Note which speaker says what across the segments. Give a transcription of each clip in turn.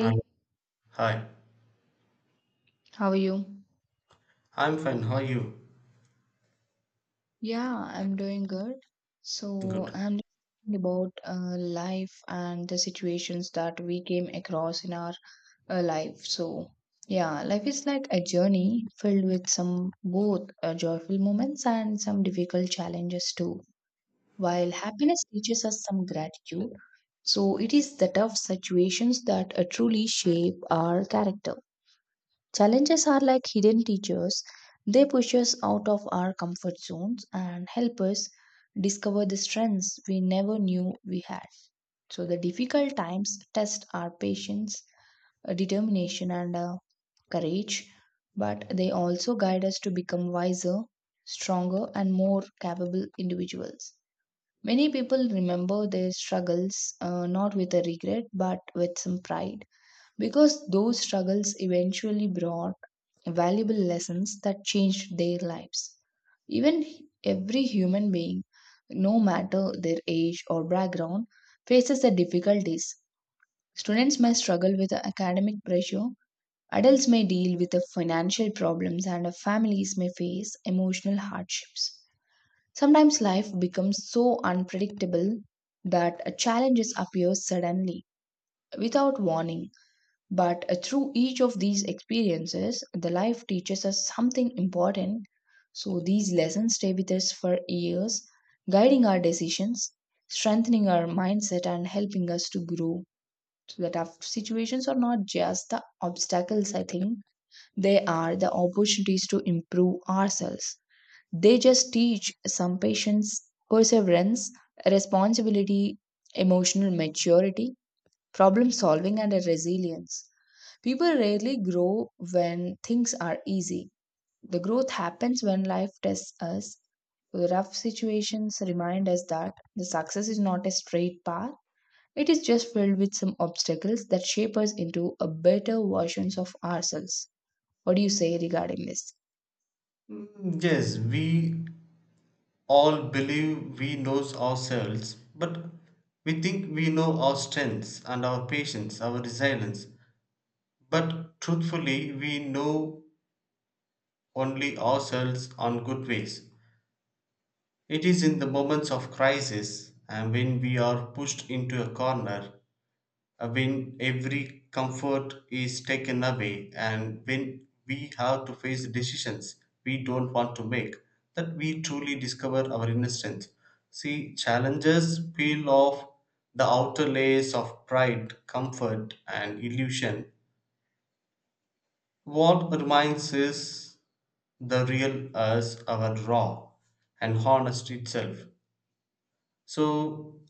Speaker 1: Hi. Hi.
Speaker 2: how are you?
Speaker 1: I'm fine. How are you?
Speaker 2: Yeah, I'm doing good.
Speaker 1: Good.
Speaker 2: I'm thinking about life and the situations that we came across in our life. Life is like a journey filled with some both joyful moments and some difficult challenges too. While happiness teaches us some gratitude, so it is the tough situations that truly shape our character. Challenges are like hidden teachers. They push us out of our comfort zones and help us discover the strengths we never knew we had. So, the difficult times test our patience, determination, and courage, but they also guide us to become wiser, stronger, and more capable individuals. Many people remember their struggles not with a regret but with some pride because those struggles eventually brought valuable lessons that changed their lives. Even every human being, no matter their age or background, faces the difficulties. Students may struggle with academic pressure, adults may deal with the financial problems, and families may face emotional hardships. Sometimes life becomes so unpredictable that challenges appear suddenly without warning. But through each of these experiences, the life teaches us something important. So these lessons stay with us for years, guiding our decisions, strengthening our mindset, and helping us to grow. So that our situations are not just the obstacles, I think, they are the opportunities to improve ourselves. They just teach some patience, perseverance, responsibility, emotional maturity, problem solving, and a resilience. People rarely grow when things are easy. The growth happens when life tests us. Rough situations remind us that the success is not a straight path. It is just filled with some obstacles that shape us into a better versions of ourselves. What do you say regarding this?
Speaker 1: Yes, we all believe we knows ourselves, but we think we know our strengths and our patience, our resilience. But truthfully, we know only ourselves on good ways. It is in the moments of crisis and when we are pushed into a corner when every comfort is taken away and when we have to face decisions we don't want to make that we truly discover our inner strength. See, challenges peel off the outer layers of pride, comfort, and illusion. What remains is the real us, our raw and honest itself. so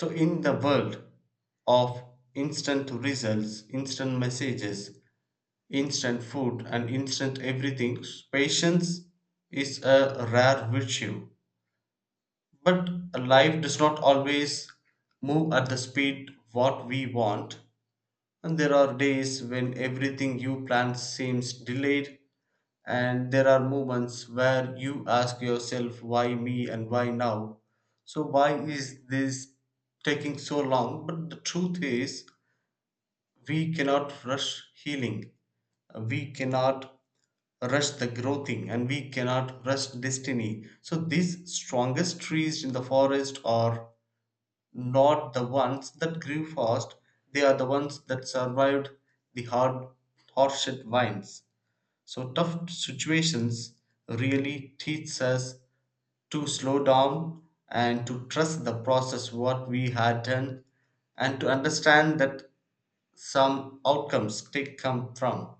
Speaker 1: so in the world of instant results, instant messages, instant food, and instant everything, patience is a rare virtue. But life does not always move at the speed what we want, and there are days when everything you plan seems delayed, and there are moments where you ask yourself, why me and why now? So, why is this taking so long? But the truth is, we cannot rush healing, we cannot rush the growing, and we cannot rush destiny. So these strongest trees in the forest are not the ones that grew fast, they are the ones that survived the hard harshed winds. So tough situations really teach us to slow down and to trust the process what we had done and to understand that some outcomes did come from.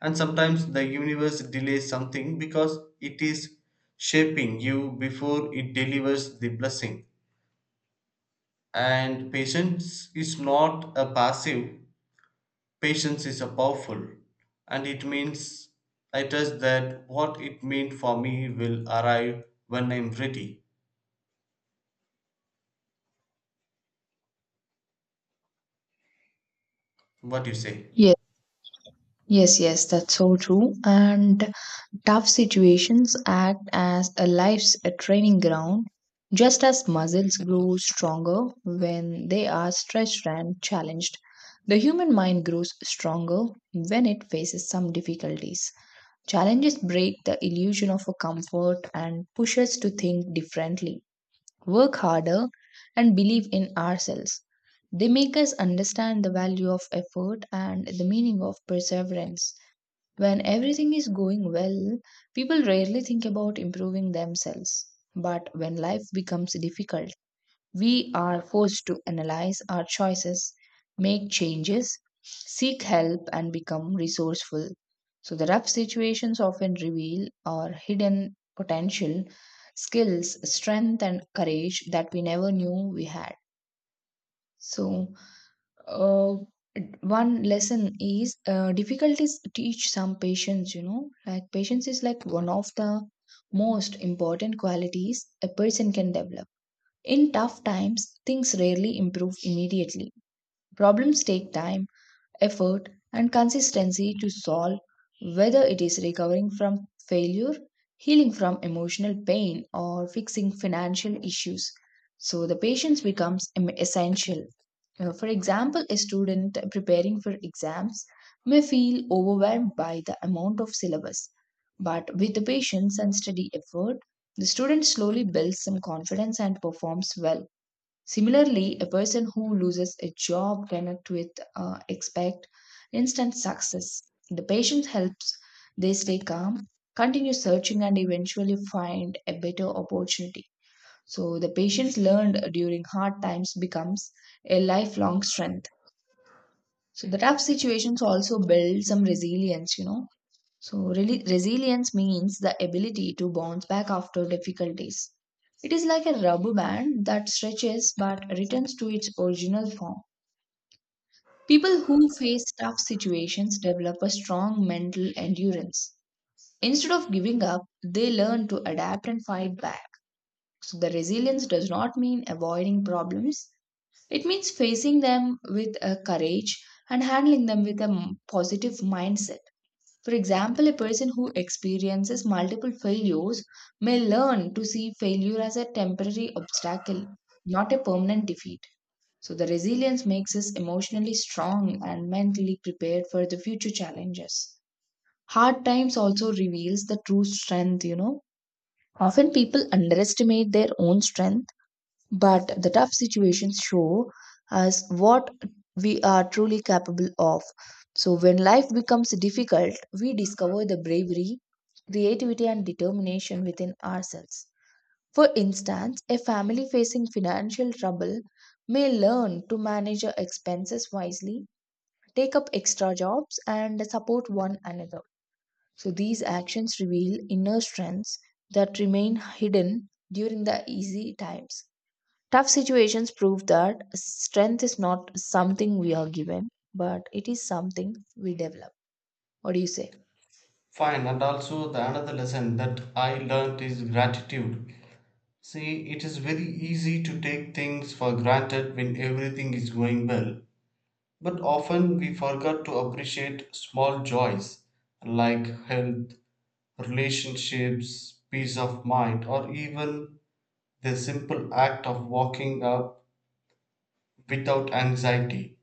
Speaker 1: And sometimes the universe delays something because it is shaping you before it delivers the blessing. And patience is not a passive, patience is a powerful. And it means I trust that what it meant for me will arrive when I'm ready. What you say?
Speaker 2: Yes, yes, that's so true. And tough situations act as a life's a training ground, just as muscles grow stronger when they are stretched and challenged. The human mind grows stronger when it faces some difficulties. Challenges break the illusion of a comfort and push us to think differently, work harder, and believe in ourselves. They make us understand the value of effort and the meaning of perseverance. When everything is going well, people rarely think about improving themselves. But when life becomes difficult, we are forced to analyze our choices, make changes, seek help, and become resourceful. So, the rough situations often reveal our hidden potential, skills, strength, and courage that we never knew we had. So, uh, One lesson is difficulties teach some patience, you know, like patience is like one of the most important qualities a person can develop in tough times. Things rarely improve immediately. Problems take time, effort, and consistency to solve, whether it is recovering from failure, healing from emotional pain, or fixing financial issues. So, the patience becomes essential. For example, a student preparing for exams may feel overwhelmed by the amount of syllabus, but with the patience and steady effort, the student slowly builds some confidence and performs well. Similarly, a person who loses a job cannot expect instant success. The patience helps they stay calm, continue searching, and eventually find a better opportunity. So, the patience learned during hard times becomes a lifelong strength. So, the tough situations also build some resilience, you know. So, really, resilience means the ability to bounce back after difficulties. It is like a rubber band that stretches but returns to its original form. People who face tough situations develop a strong mental endurance. Instead of giving up, they learn to adapt and fight back. So, the resilience does not mean avoiding problems, it means facing them with a courage and handling them with a positive mindset. For example, a person who experiences multiple failures may learn to see failure as a temporary obstacle, not a permanent defeat. So, the resilience makes us emotionally strong and mentally prepared for the future challenges. Hard times also reveals the true strength, you know. Often people underestimate their own strength, but the tough situations show us what we are truly capable of. So, when life becomes difficult, we discover the bravery, creativity, and determination within ourselves. For instance, a family facing financial trouble may learn to manage their expenses wisely, take up extra jobs, and support one another. So, these actions reveal inner strengths that remain hidden during the easy times. Tough situations prove that strength is not something we are given, but it is something we develop. What do you say?
Speaker 1: Fine, and also the another lesson that I learned is gratitude. See, it is very easy to take things for granted when everything is going well, but often we forget to appreciate small joys like health, relationships, peace of mind, or even the simple act of walking up without anxiety.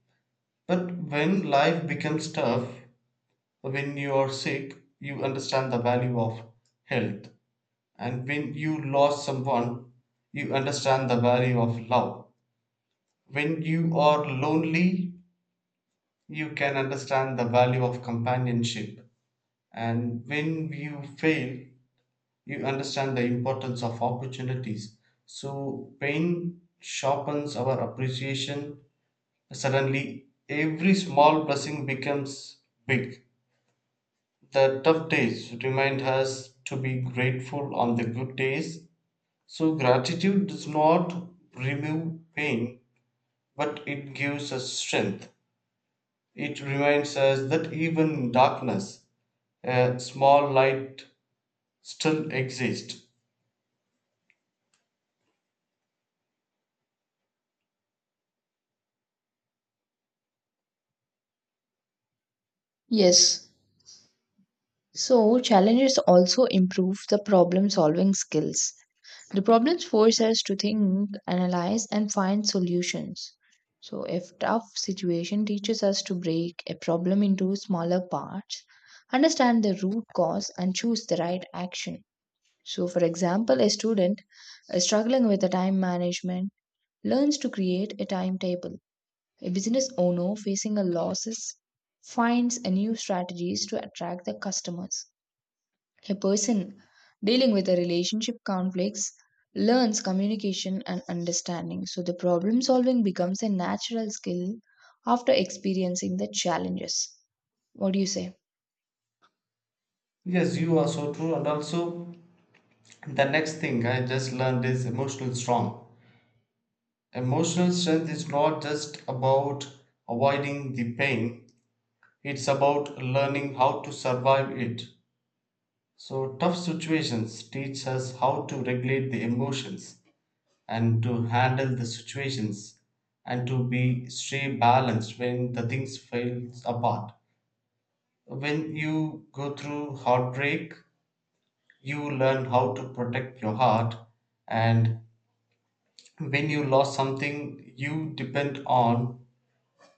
Speaker 1: But when life becomes tough, when you are sick, you understand the value of health, and when you lost someone, you understand the value of love. When you are lonely, you can understand the value of companionship, and when you fail, you understand the importance of opportunities. So, pain sharpens our appreciation. Suddenly, every small blessing becomes big. The tough days remind us to be grateful on the good days. So, gratitude does not remove pain, but it gives us strength. It reminds us that even in darkness a small light still exists.
Speaker 2: Yes. So, challenges also improve the problem solving skills. The problems force us to think, analyze, and find solutions. So, if tough situation teaches us to break a problem into smaller parts, understand the root cause, and choose the right action. So, for example, a student is struggling with the time management learns to create a timetable. A business owner facing a losses finds a new strategies to attract the customers. A person dealing with a relationship conflicts learns communication and understanding. So the problem solving becomes a natural skill after experiencing the challenges. What do you say?
Speaker 1: Yes, you are so true. And also, the next thing I just learned is emotional strength. Emotional strength is not just about avoiding the pain, it's about learning how to survive it. So, tough situations teach us how to regulate the emotions and to handle the situations and to be stay balanced when the things falls apart. When you go through heartbreak, you learn how to protect your heart, and when you lost something you depend on,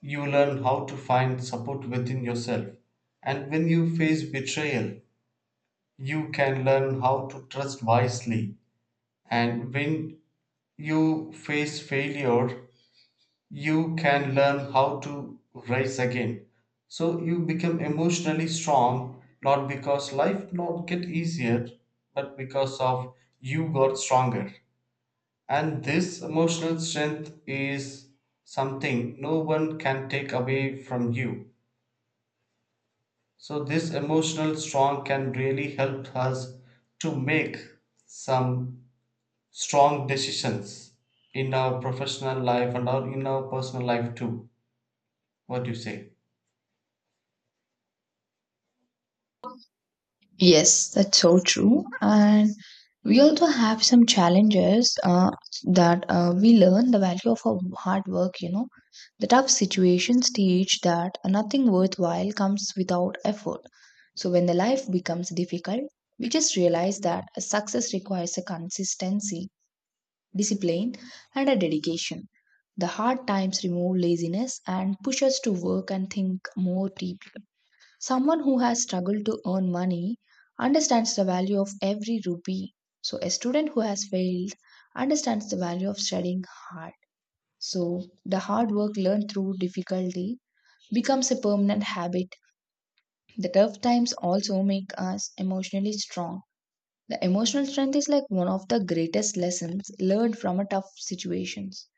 Speaker 1: you learn how to find support within yourself, and when you face betrayal, you can learn how to trust wisely, and when you face failure, you can learn how to rise again. So you become emotionally strong, not because life not get easier, but because of you got stronger. And this emotional strength is something no one can take away from you. So this emotional strong can really help us to make some strong decisions in our professional life and our in our personal life too. What do you say?
Speaker 2: Yes, that's so true. And we also have some challenges that we learn the value of our hard work, you know. The tough situations teach that nothing worthwhile comes without effort. So when the life becomes difficult, we just realize that a success requires a consistency, discipline, and a dedication. The hard times remove laziness and push us to work and think more deeply. Someone who has struggled to earn money understands the value of every rupee. So, a student who has failed understands the value of studying hard. So, the hard work learned through difficulty becomes a permanent habit. The tough times also make us emotionally strong. The emotional strength is like one of the greatest lessons learned from a tough situations.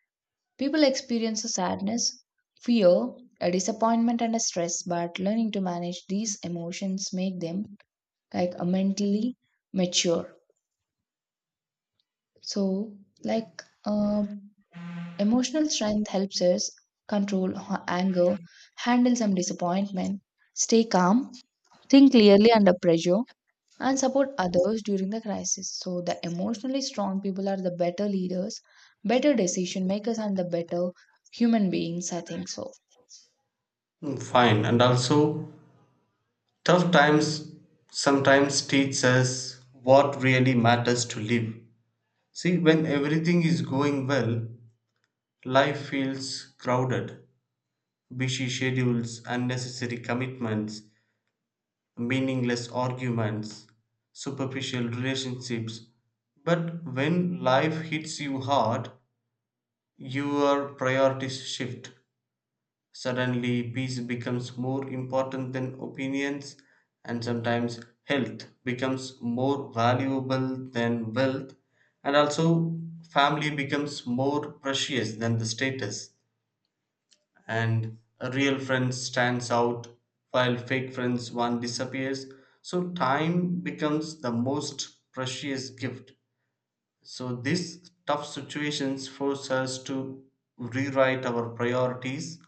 Speaker 2: People experience a sadness, fear, a disappointment and a stress, but learning to manage these emotions make them like mentally mature. So, like um, Emotional strength helps us control anger, handle some disappointment, stay calm, think clearly under pressure, and support others during the crisis. So, the emotionally strong people are the better leaders, better decision makers, and the better human beings. I think so.
Speaker 1: Fine, and also, tough times sometimes teach us what really matters to live. See, when everything is going well, life feels crowded. Busy schedules, unnecessary commitments, meaningless arguments, superficial relationships. But when life hits you hard, your priorities shift. Suddenly, peace becomes more important than opinions, and sometimes health becomes more valuable than wealth, and also family becomes more precious than the status, and a real friend stands out while fake friends one disappears. So, time becomes the most precious gift. So, these tough situations force us to rewrite our priorities.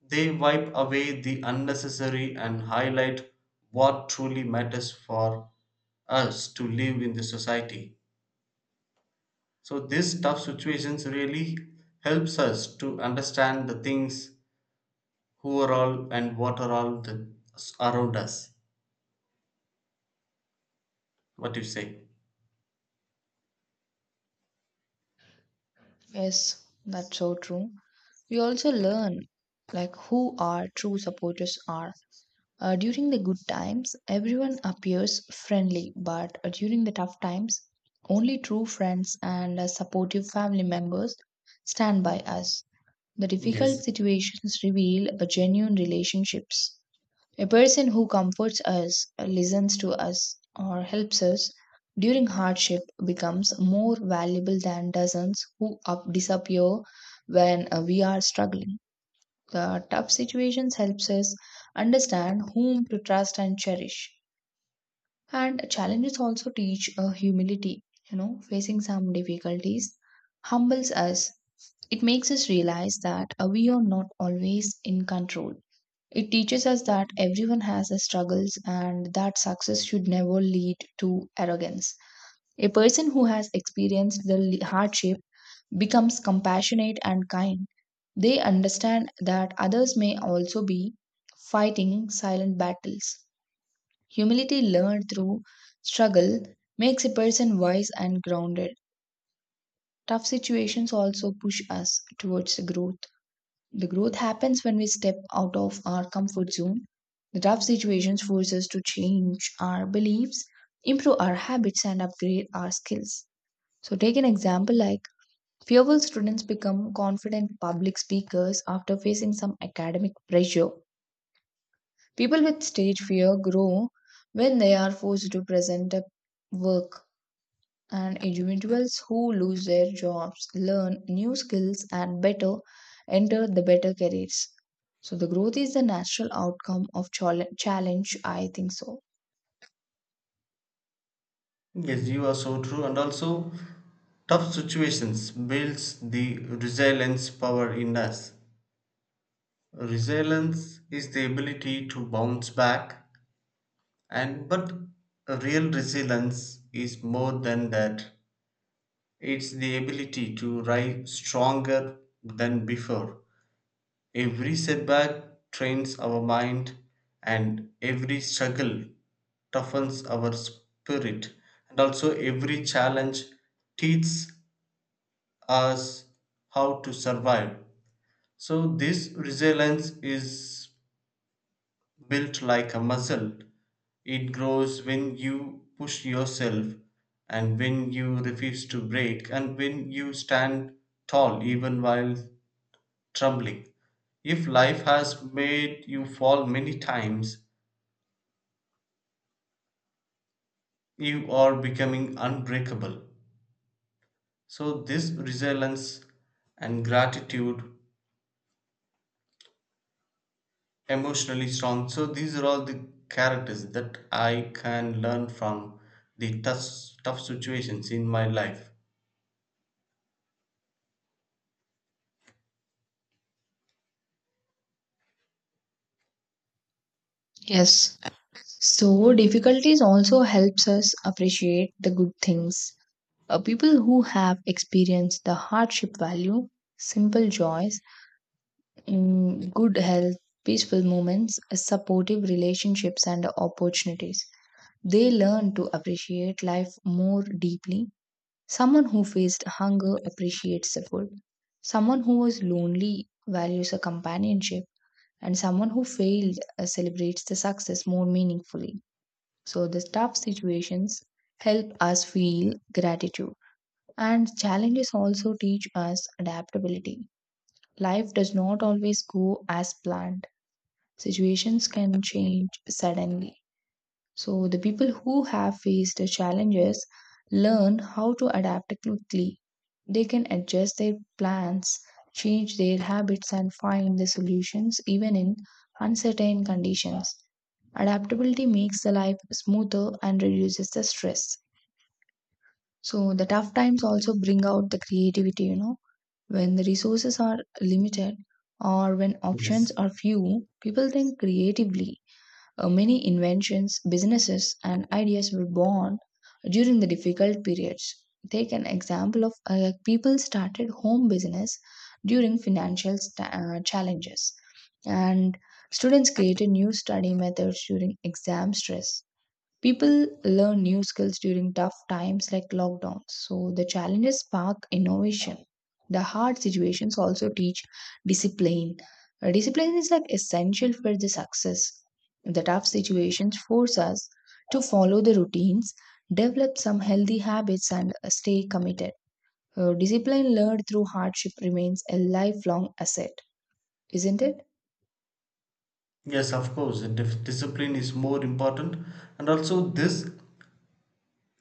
Speaker 1: They wipe away the unnecessary and highlight what truly matters for us to live in the society. So these tough situations really helps us to understand the things who are all and what are all the, around us. What you say?
Speaker 2: Yes, that's so true. We also learn like who our true supporters are. During the good times, everyone appears friendly, but during the tough times, only true friends and supportive family members stand by us. The
Speaker 1: Yes.
Speaker 2: difficult situations reveal genuine relationships. A person who comforts us, listens to us, or helps us during hardship becomes more valuable than dozens who disappear when we are struggling. The tough situations helps us understand whom to trust and cherish. And challenges also teach humility. You know, facing some difficulties humbles us. It makes us realize that we are not always in control. It teaches us that everyone has their struggles and that success should never lead to arrogance. A person who has experienced the hardship becomes compassionate and kind. They understand that others may also be fighting silent battles. Humility learned through struggle makes a person wise and grounded. Tough situations also push us towards the growth. The growth happens when we step out of our comfort zone. The tough situations force us to change our beliefs, improve our habits, and upgrade our skills. So, take an example like fearful students become confident public speakers after facing some academic pressure. People with stage fear grow when they are forced to present a work, and individuals who lose their jobs learn new skills and better enter the better careers. So, the growth is the natural outcome of challenge, I think so.
Speaker 1: Yes, you are so true. And also, tough situations builds the resilience power in us. Resilience is the ability to bounce back, and but a real resilience is more than that. It's the ability to rise stronger than before. Every setback trains our mind, and every struggle toughens our spirit, and also every challenge teaches us how to survive. So this resilience is built like a muscle. It grows when you push yourself and when you refuse to break and when you stand tall even while trembling. If life has made you fall many times, you are becoming unbreakable. So, this resilience and gratitude, emotionally strong. So, these are all the characters that I can learn from the tough, tough situations in my life.
Speaker 2: Yes. So, difficulties also helps us appreciate the good things. People who have experienced the hardship value simple joys, mm, good health, peaceful moments, supportive relationships, and opportunities. They learn to appreciate life more deeply. Someone who faced hunger appreciates the food. Someone who was lonely values a companionship. And someone who failed celebrates the success more meaningfully. So, the tough situations help us feel gratitude. And challenges also teach us adaptability. Life does not always go as planned, situations can change suddenly. So, the people who have faced the challenges learn how to adapt quickly. They can adjust their plans, change their habits, and find the solutions even in uncertain conditions. Adaptability makes the life smoother and reduces the stress. So, the tough times also bring out the creativity, you know. When the resources are limited or when options
Speaker 1: Yes.
Speaker 2: are few, people think creatively. Many inventions, businesses, and ideas were born during the difficult periods. Take an example of like, people started home business during financial challenges, and students created new study methods during exam stress. People learn new skills during tough times like lockdowns, so the challenges spark innovation. The hard situations also teach discipline. Discipline is like essential for the success. The tough situations force us to follow the routines, develop some healthy habits, and stay committed. Discipline learned through hardship remains a lifelong asset, isn't it?
Speaker 1: Yes, of course, discipline is more important, and also this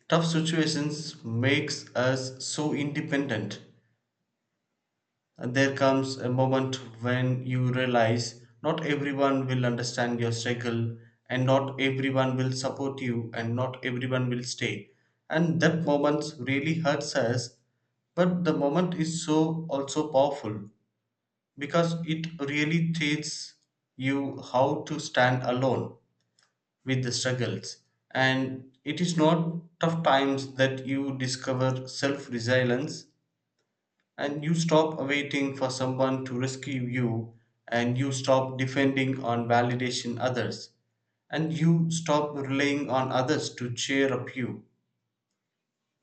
Speaker 1: tough situations makes us so independent. And there comes a moment when you realize not everyone will understand your struggle, and not everyone will support you, and not everyone will stay. And that moment really hurts us, but the moment is so also powerful because it really teaches you how to stand alone with the struggles, and it is not tough times that you discover self-resilience, and you stop waiting for someone to rescue you, and you stop depending on validation others, and you stop relying on others to cheer up you.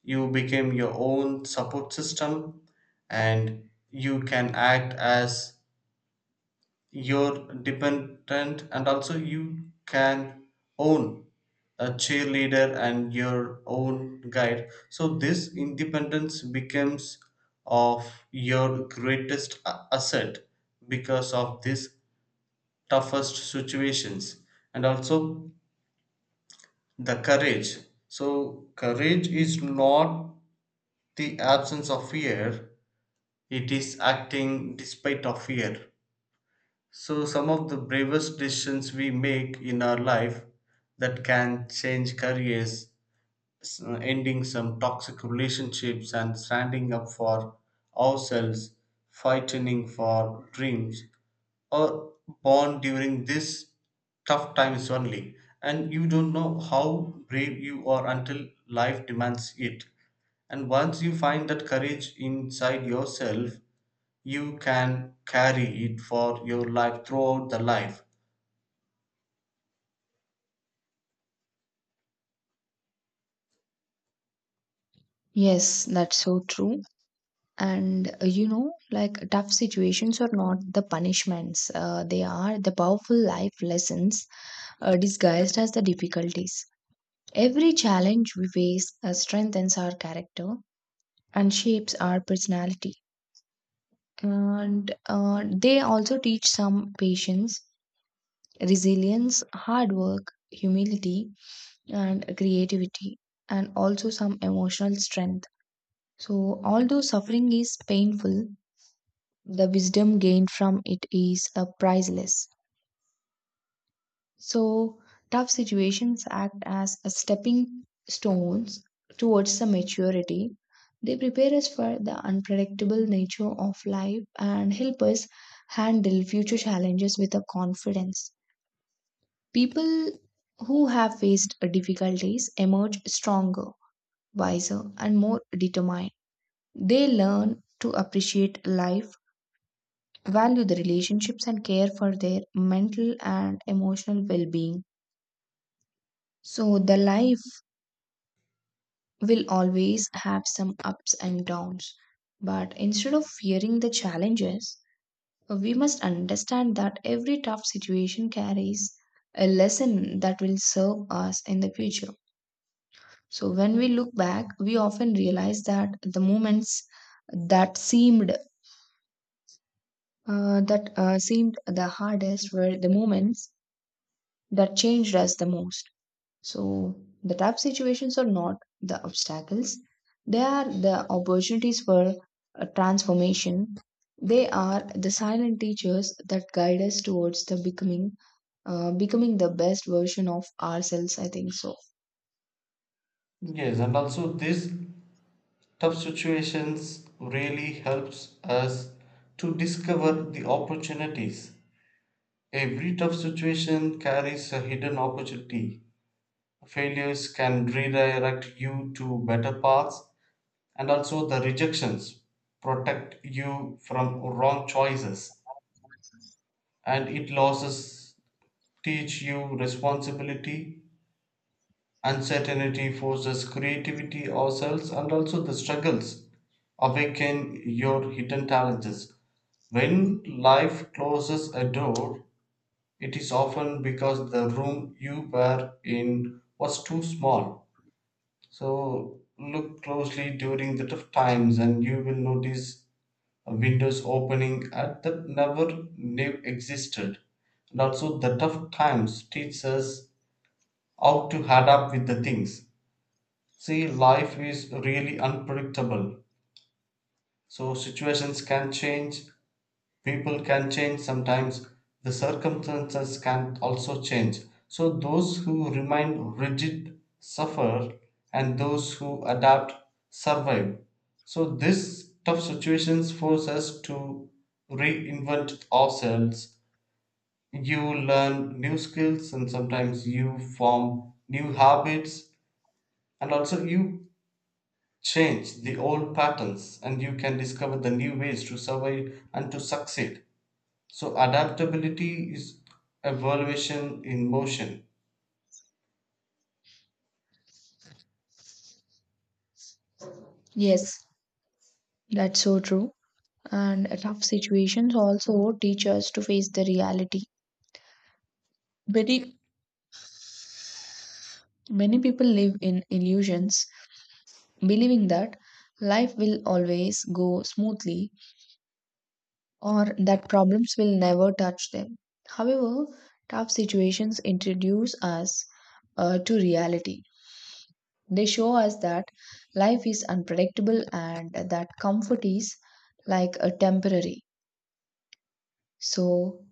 Speaker 1: You became your own support system, and you can act as your dependent, and also you can own a cheerleader and your own guide. So this independence becomes of your greatest asset because of these toughest situations, and also the courage. So courage is not the absence of fear, it is acting despite of fear. So, some of the bravest decisions we make in our life that can change careers, s- ending some toxic relationships, and standing up for ourselves, fighting for dreams, or born during these tough times only. And you don't know how brave you are until life demands it. And once you find that courage inside yourself, you can carry it for your life throughout the life.
Speaker 2: Yes, that's so true. And you know, like, tough situations are not the punishments, they are the powerful life lessons disguised as the difficulties. Every challenge we face strengthens our character and shapes our personality, and they also teach some patience, resilience, hard work, humility, and creativity, and also some emotional strength. So although suffering is painful, the wisdom gained from it is priceless. So, tough situations act as a stepping stones towards the maturity. They prepare us for the unpredictable nature of life and help us handle future challenges with a confidence. People who have faced difficulties emerge stronger, wiser, and more determined. They learn to appreciate life, value the relationships, and care for their mental and emotional well being. So, the life will always have some ups and downs. But instead of fearing the challenges, we must understand that every tough situation carries a lesson that will serve us in the future. So, when we look back, we often realize that the moments that seemed that seemed the hardest were the moments that changed us the most. So the tough situations are not the obstacles, they are the opportunities for transformation. They are the silent teachers that guide us towards the becoming the best version of ourselves, I think so.
Speaker 1: Yes, and also these tough situations really helps us to discover the opportunities. Every tough situation carries a hidden opportunity. Failures can redirect you to better paths, and also the rejections protect you from wrong choices, and it losses teach you responsibility. Uncertainty forces creativity ourselves and also the struggles. Awaken your hidden talents. When life closes a door, it is often because the room you were in was too small. So look closely during the tough times and you will notice windows opening at that never knew existed. And also the tough times teach us how to adapt with the things. See, life is really unpredictable. So situations can change, people can change sometimes, the circumstances can also change. So those who remain rigid suffer, and those who adapt survive. So this tough situations force us to reinvent ourselves. You learn new skills and sometimes you form new habits, and also you change the old patterns and you can discover the new ways to survive and to succeed. So, adaptability is evaluation in motion.
Speaker 2: Yes, that's so true. And tough situations also teach us to face the reality. Very many people live in illusions, believing that life will always go smoothly or that problems will never touch them. However, tough situations introduce us to reality. They show us that life is unpredictable and that comfort is like a temporary. So,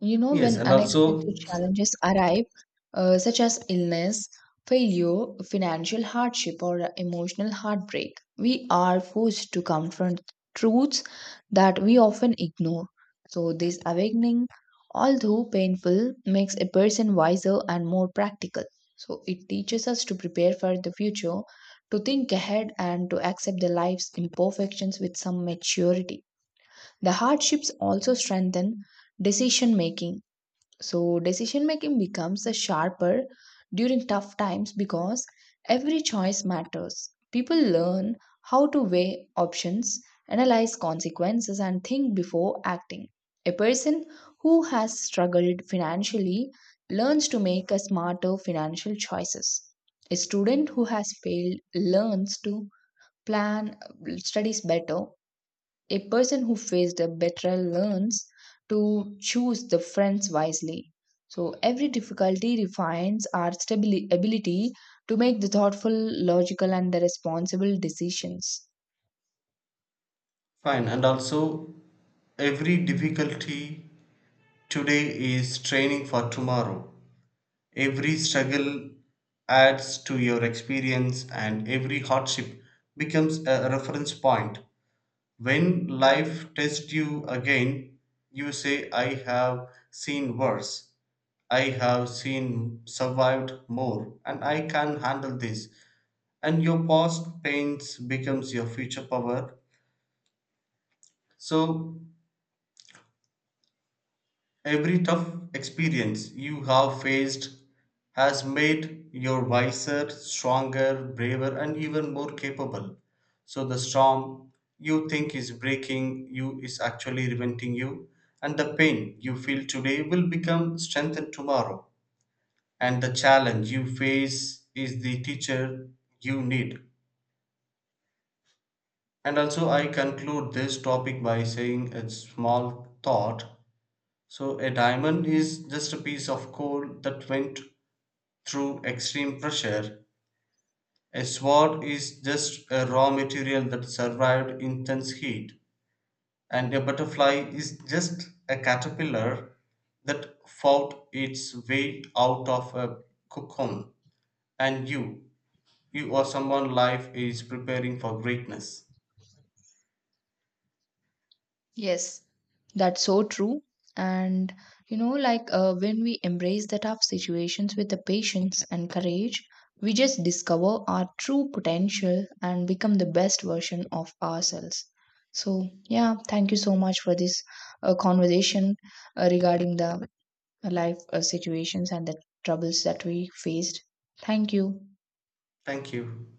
Speaker 2: you know,
Speaker 1: Yes,
Speaker 2: when
Speaker 1: and also,
Speaker 2: unexpected challenges arrive, such as illness, failure, financial hardship, or emotional heartbreak, we are forced to confront truths that we often ignore. So, this awakening, although painful, makes a person wiser and more practical. So, it teaches us to prepare for the future, to think ahead, and to accept the life's imperfections with some maturity. The hardships also strengthen decision making. So decision making becomes a sharper during tough times because every choice matters. People learn how to weigh options, analyze consequences, and think before acting. A person who has struggled financially learns to make a smarter financial choices. A student who has failed learns to plan studies better. A person who faced a betrayal learns to choose the friends wisely. So every difficulty refines our ability to make the thoughtful, logical, and the responsible decisions.
Speaker 1: fine, and also, every difficulty today is training for tomorrow. Every struggle adds to your experience, and every hardship becomes a reference point. When life tests you again, you say, I have seen worse, I have seen survived more, and I can handle this. And your past pains becomes your future power. So every tough experience you have faced has made you wiser, stronger, braver, and even more capable. So the storm you think is breaking you is actually preventing you, and the pain you feel today will become strengthened tomorrow. And the challenge you face is the teacher you need. And also, I conclude this topic by saying a small thought. So a diamond is just a piece of coal that went through extreme pressure. A sword is just a raw material that survived intense heat. And a butterfly is just a caterpillar that fought its way out of a cocoon. And you or someone life is preparing for greatness.
Speaker 2: Yes, that's so true. And you know, like, when we embrace the tough situations with the patience and courage, we just discover our true potential and become the best version of ourselves. So, yeah, thank you so much for this conversation regarding the life situations and the troubles that we faced. Thank you.
Speaker 1: Thank you.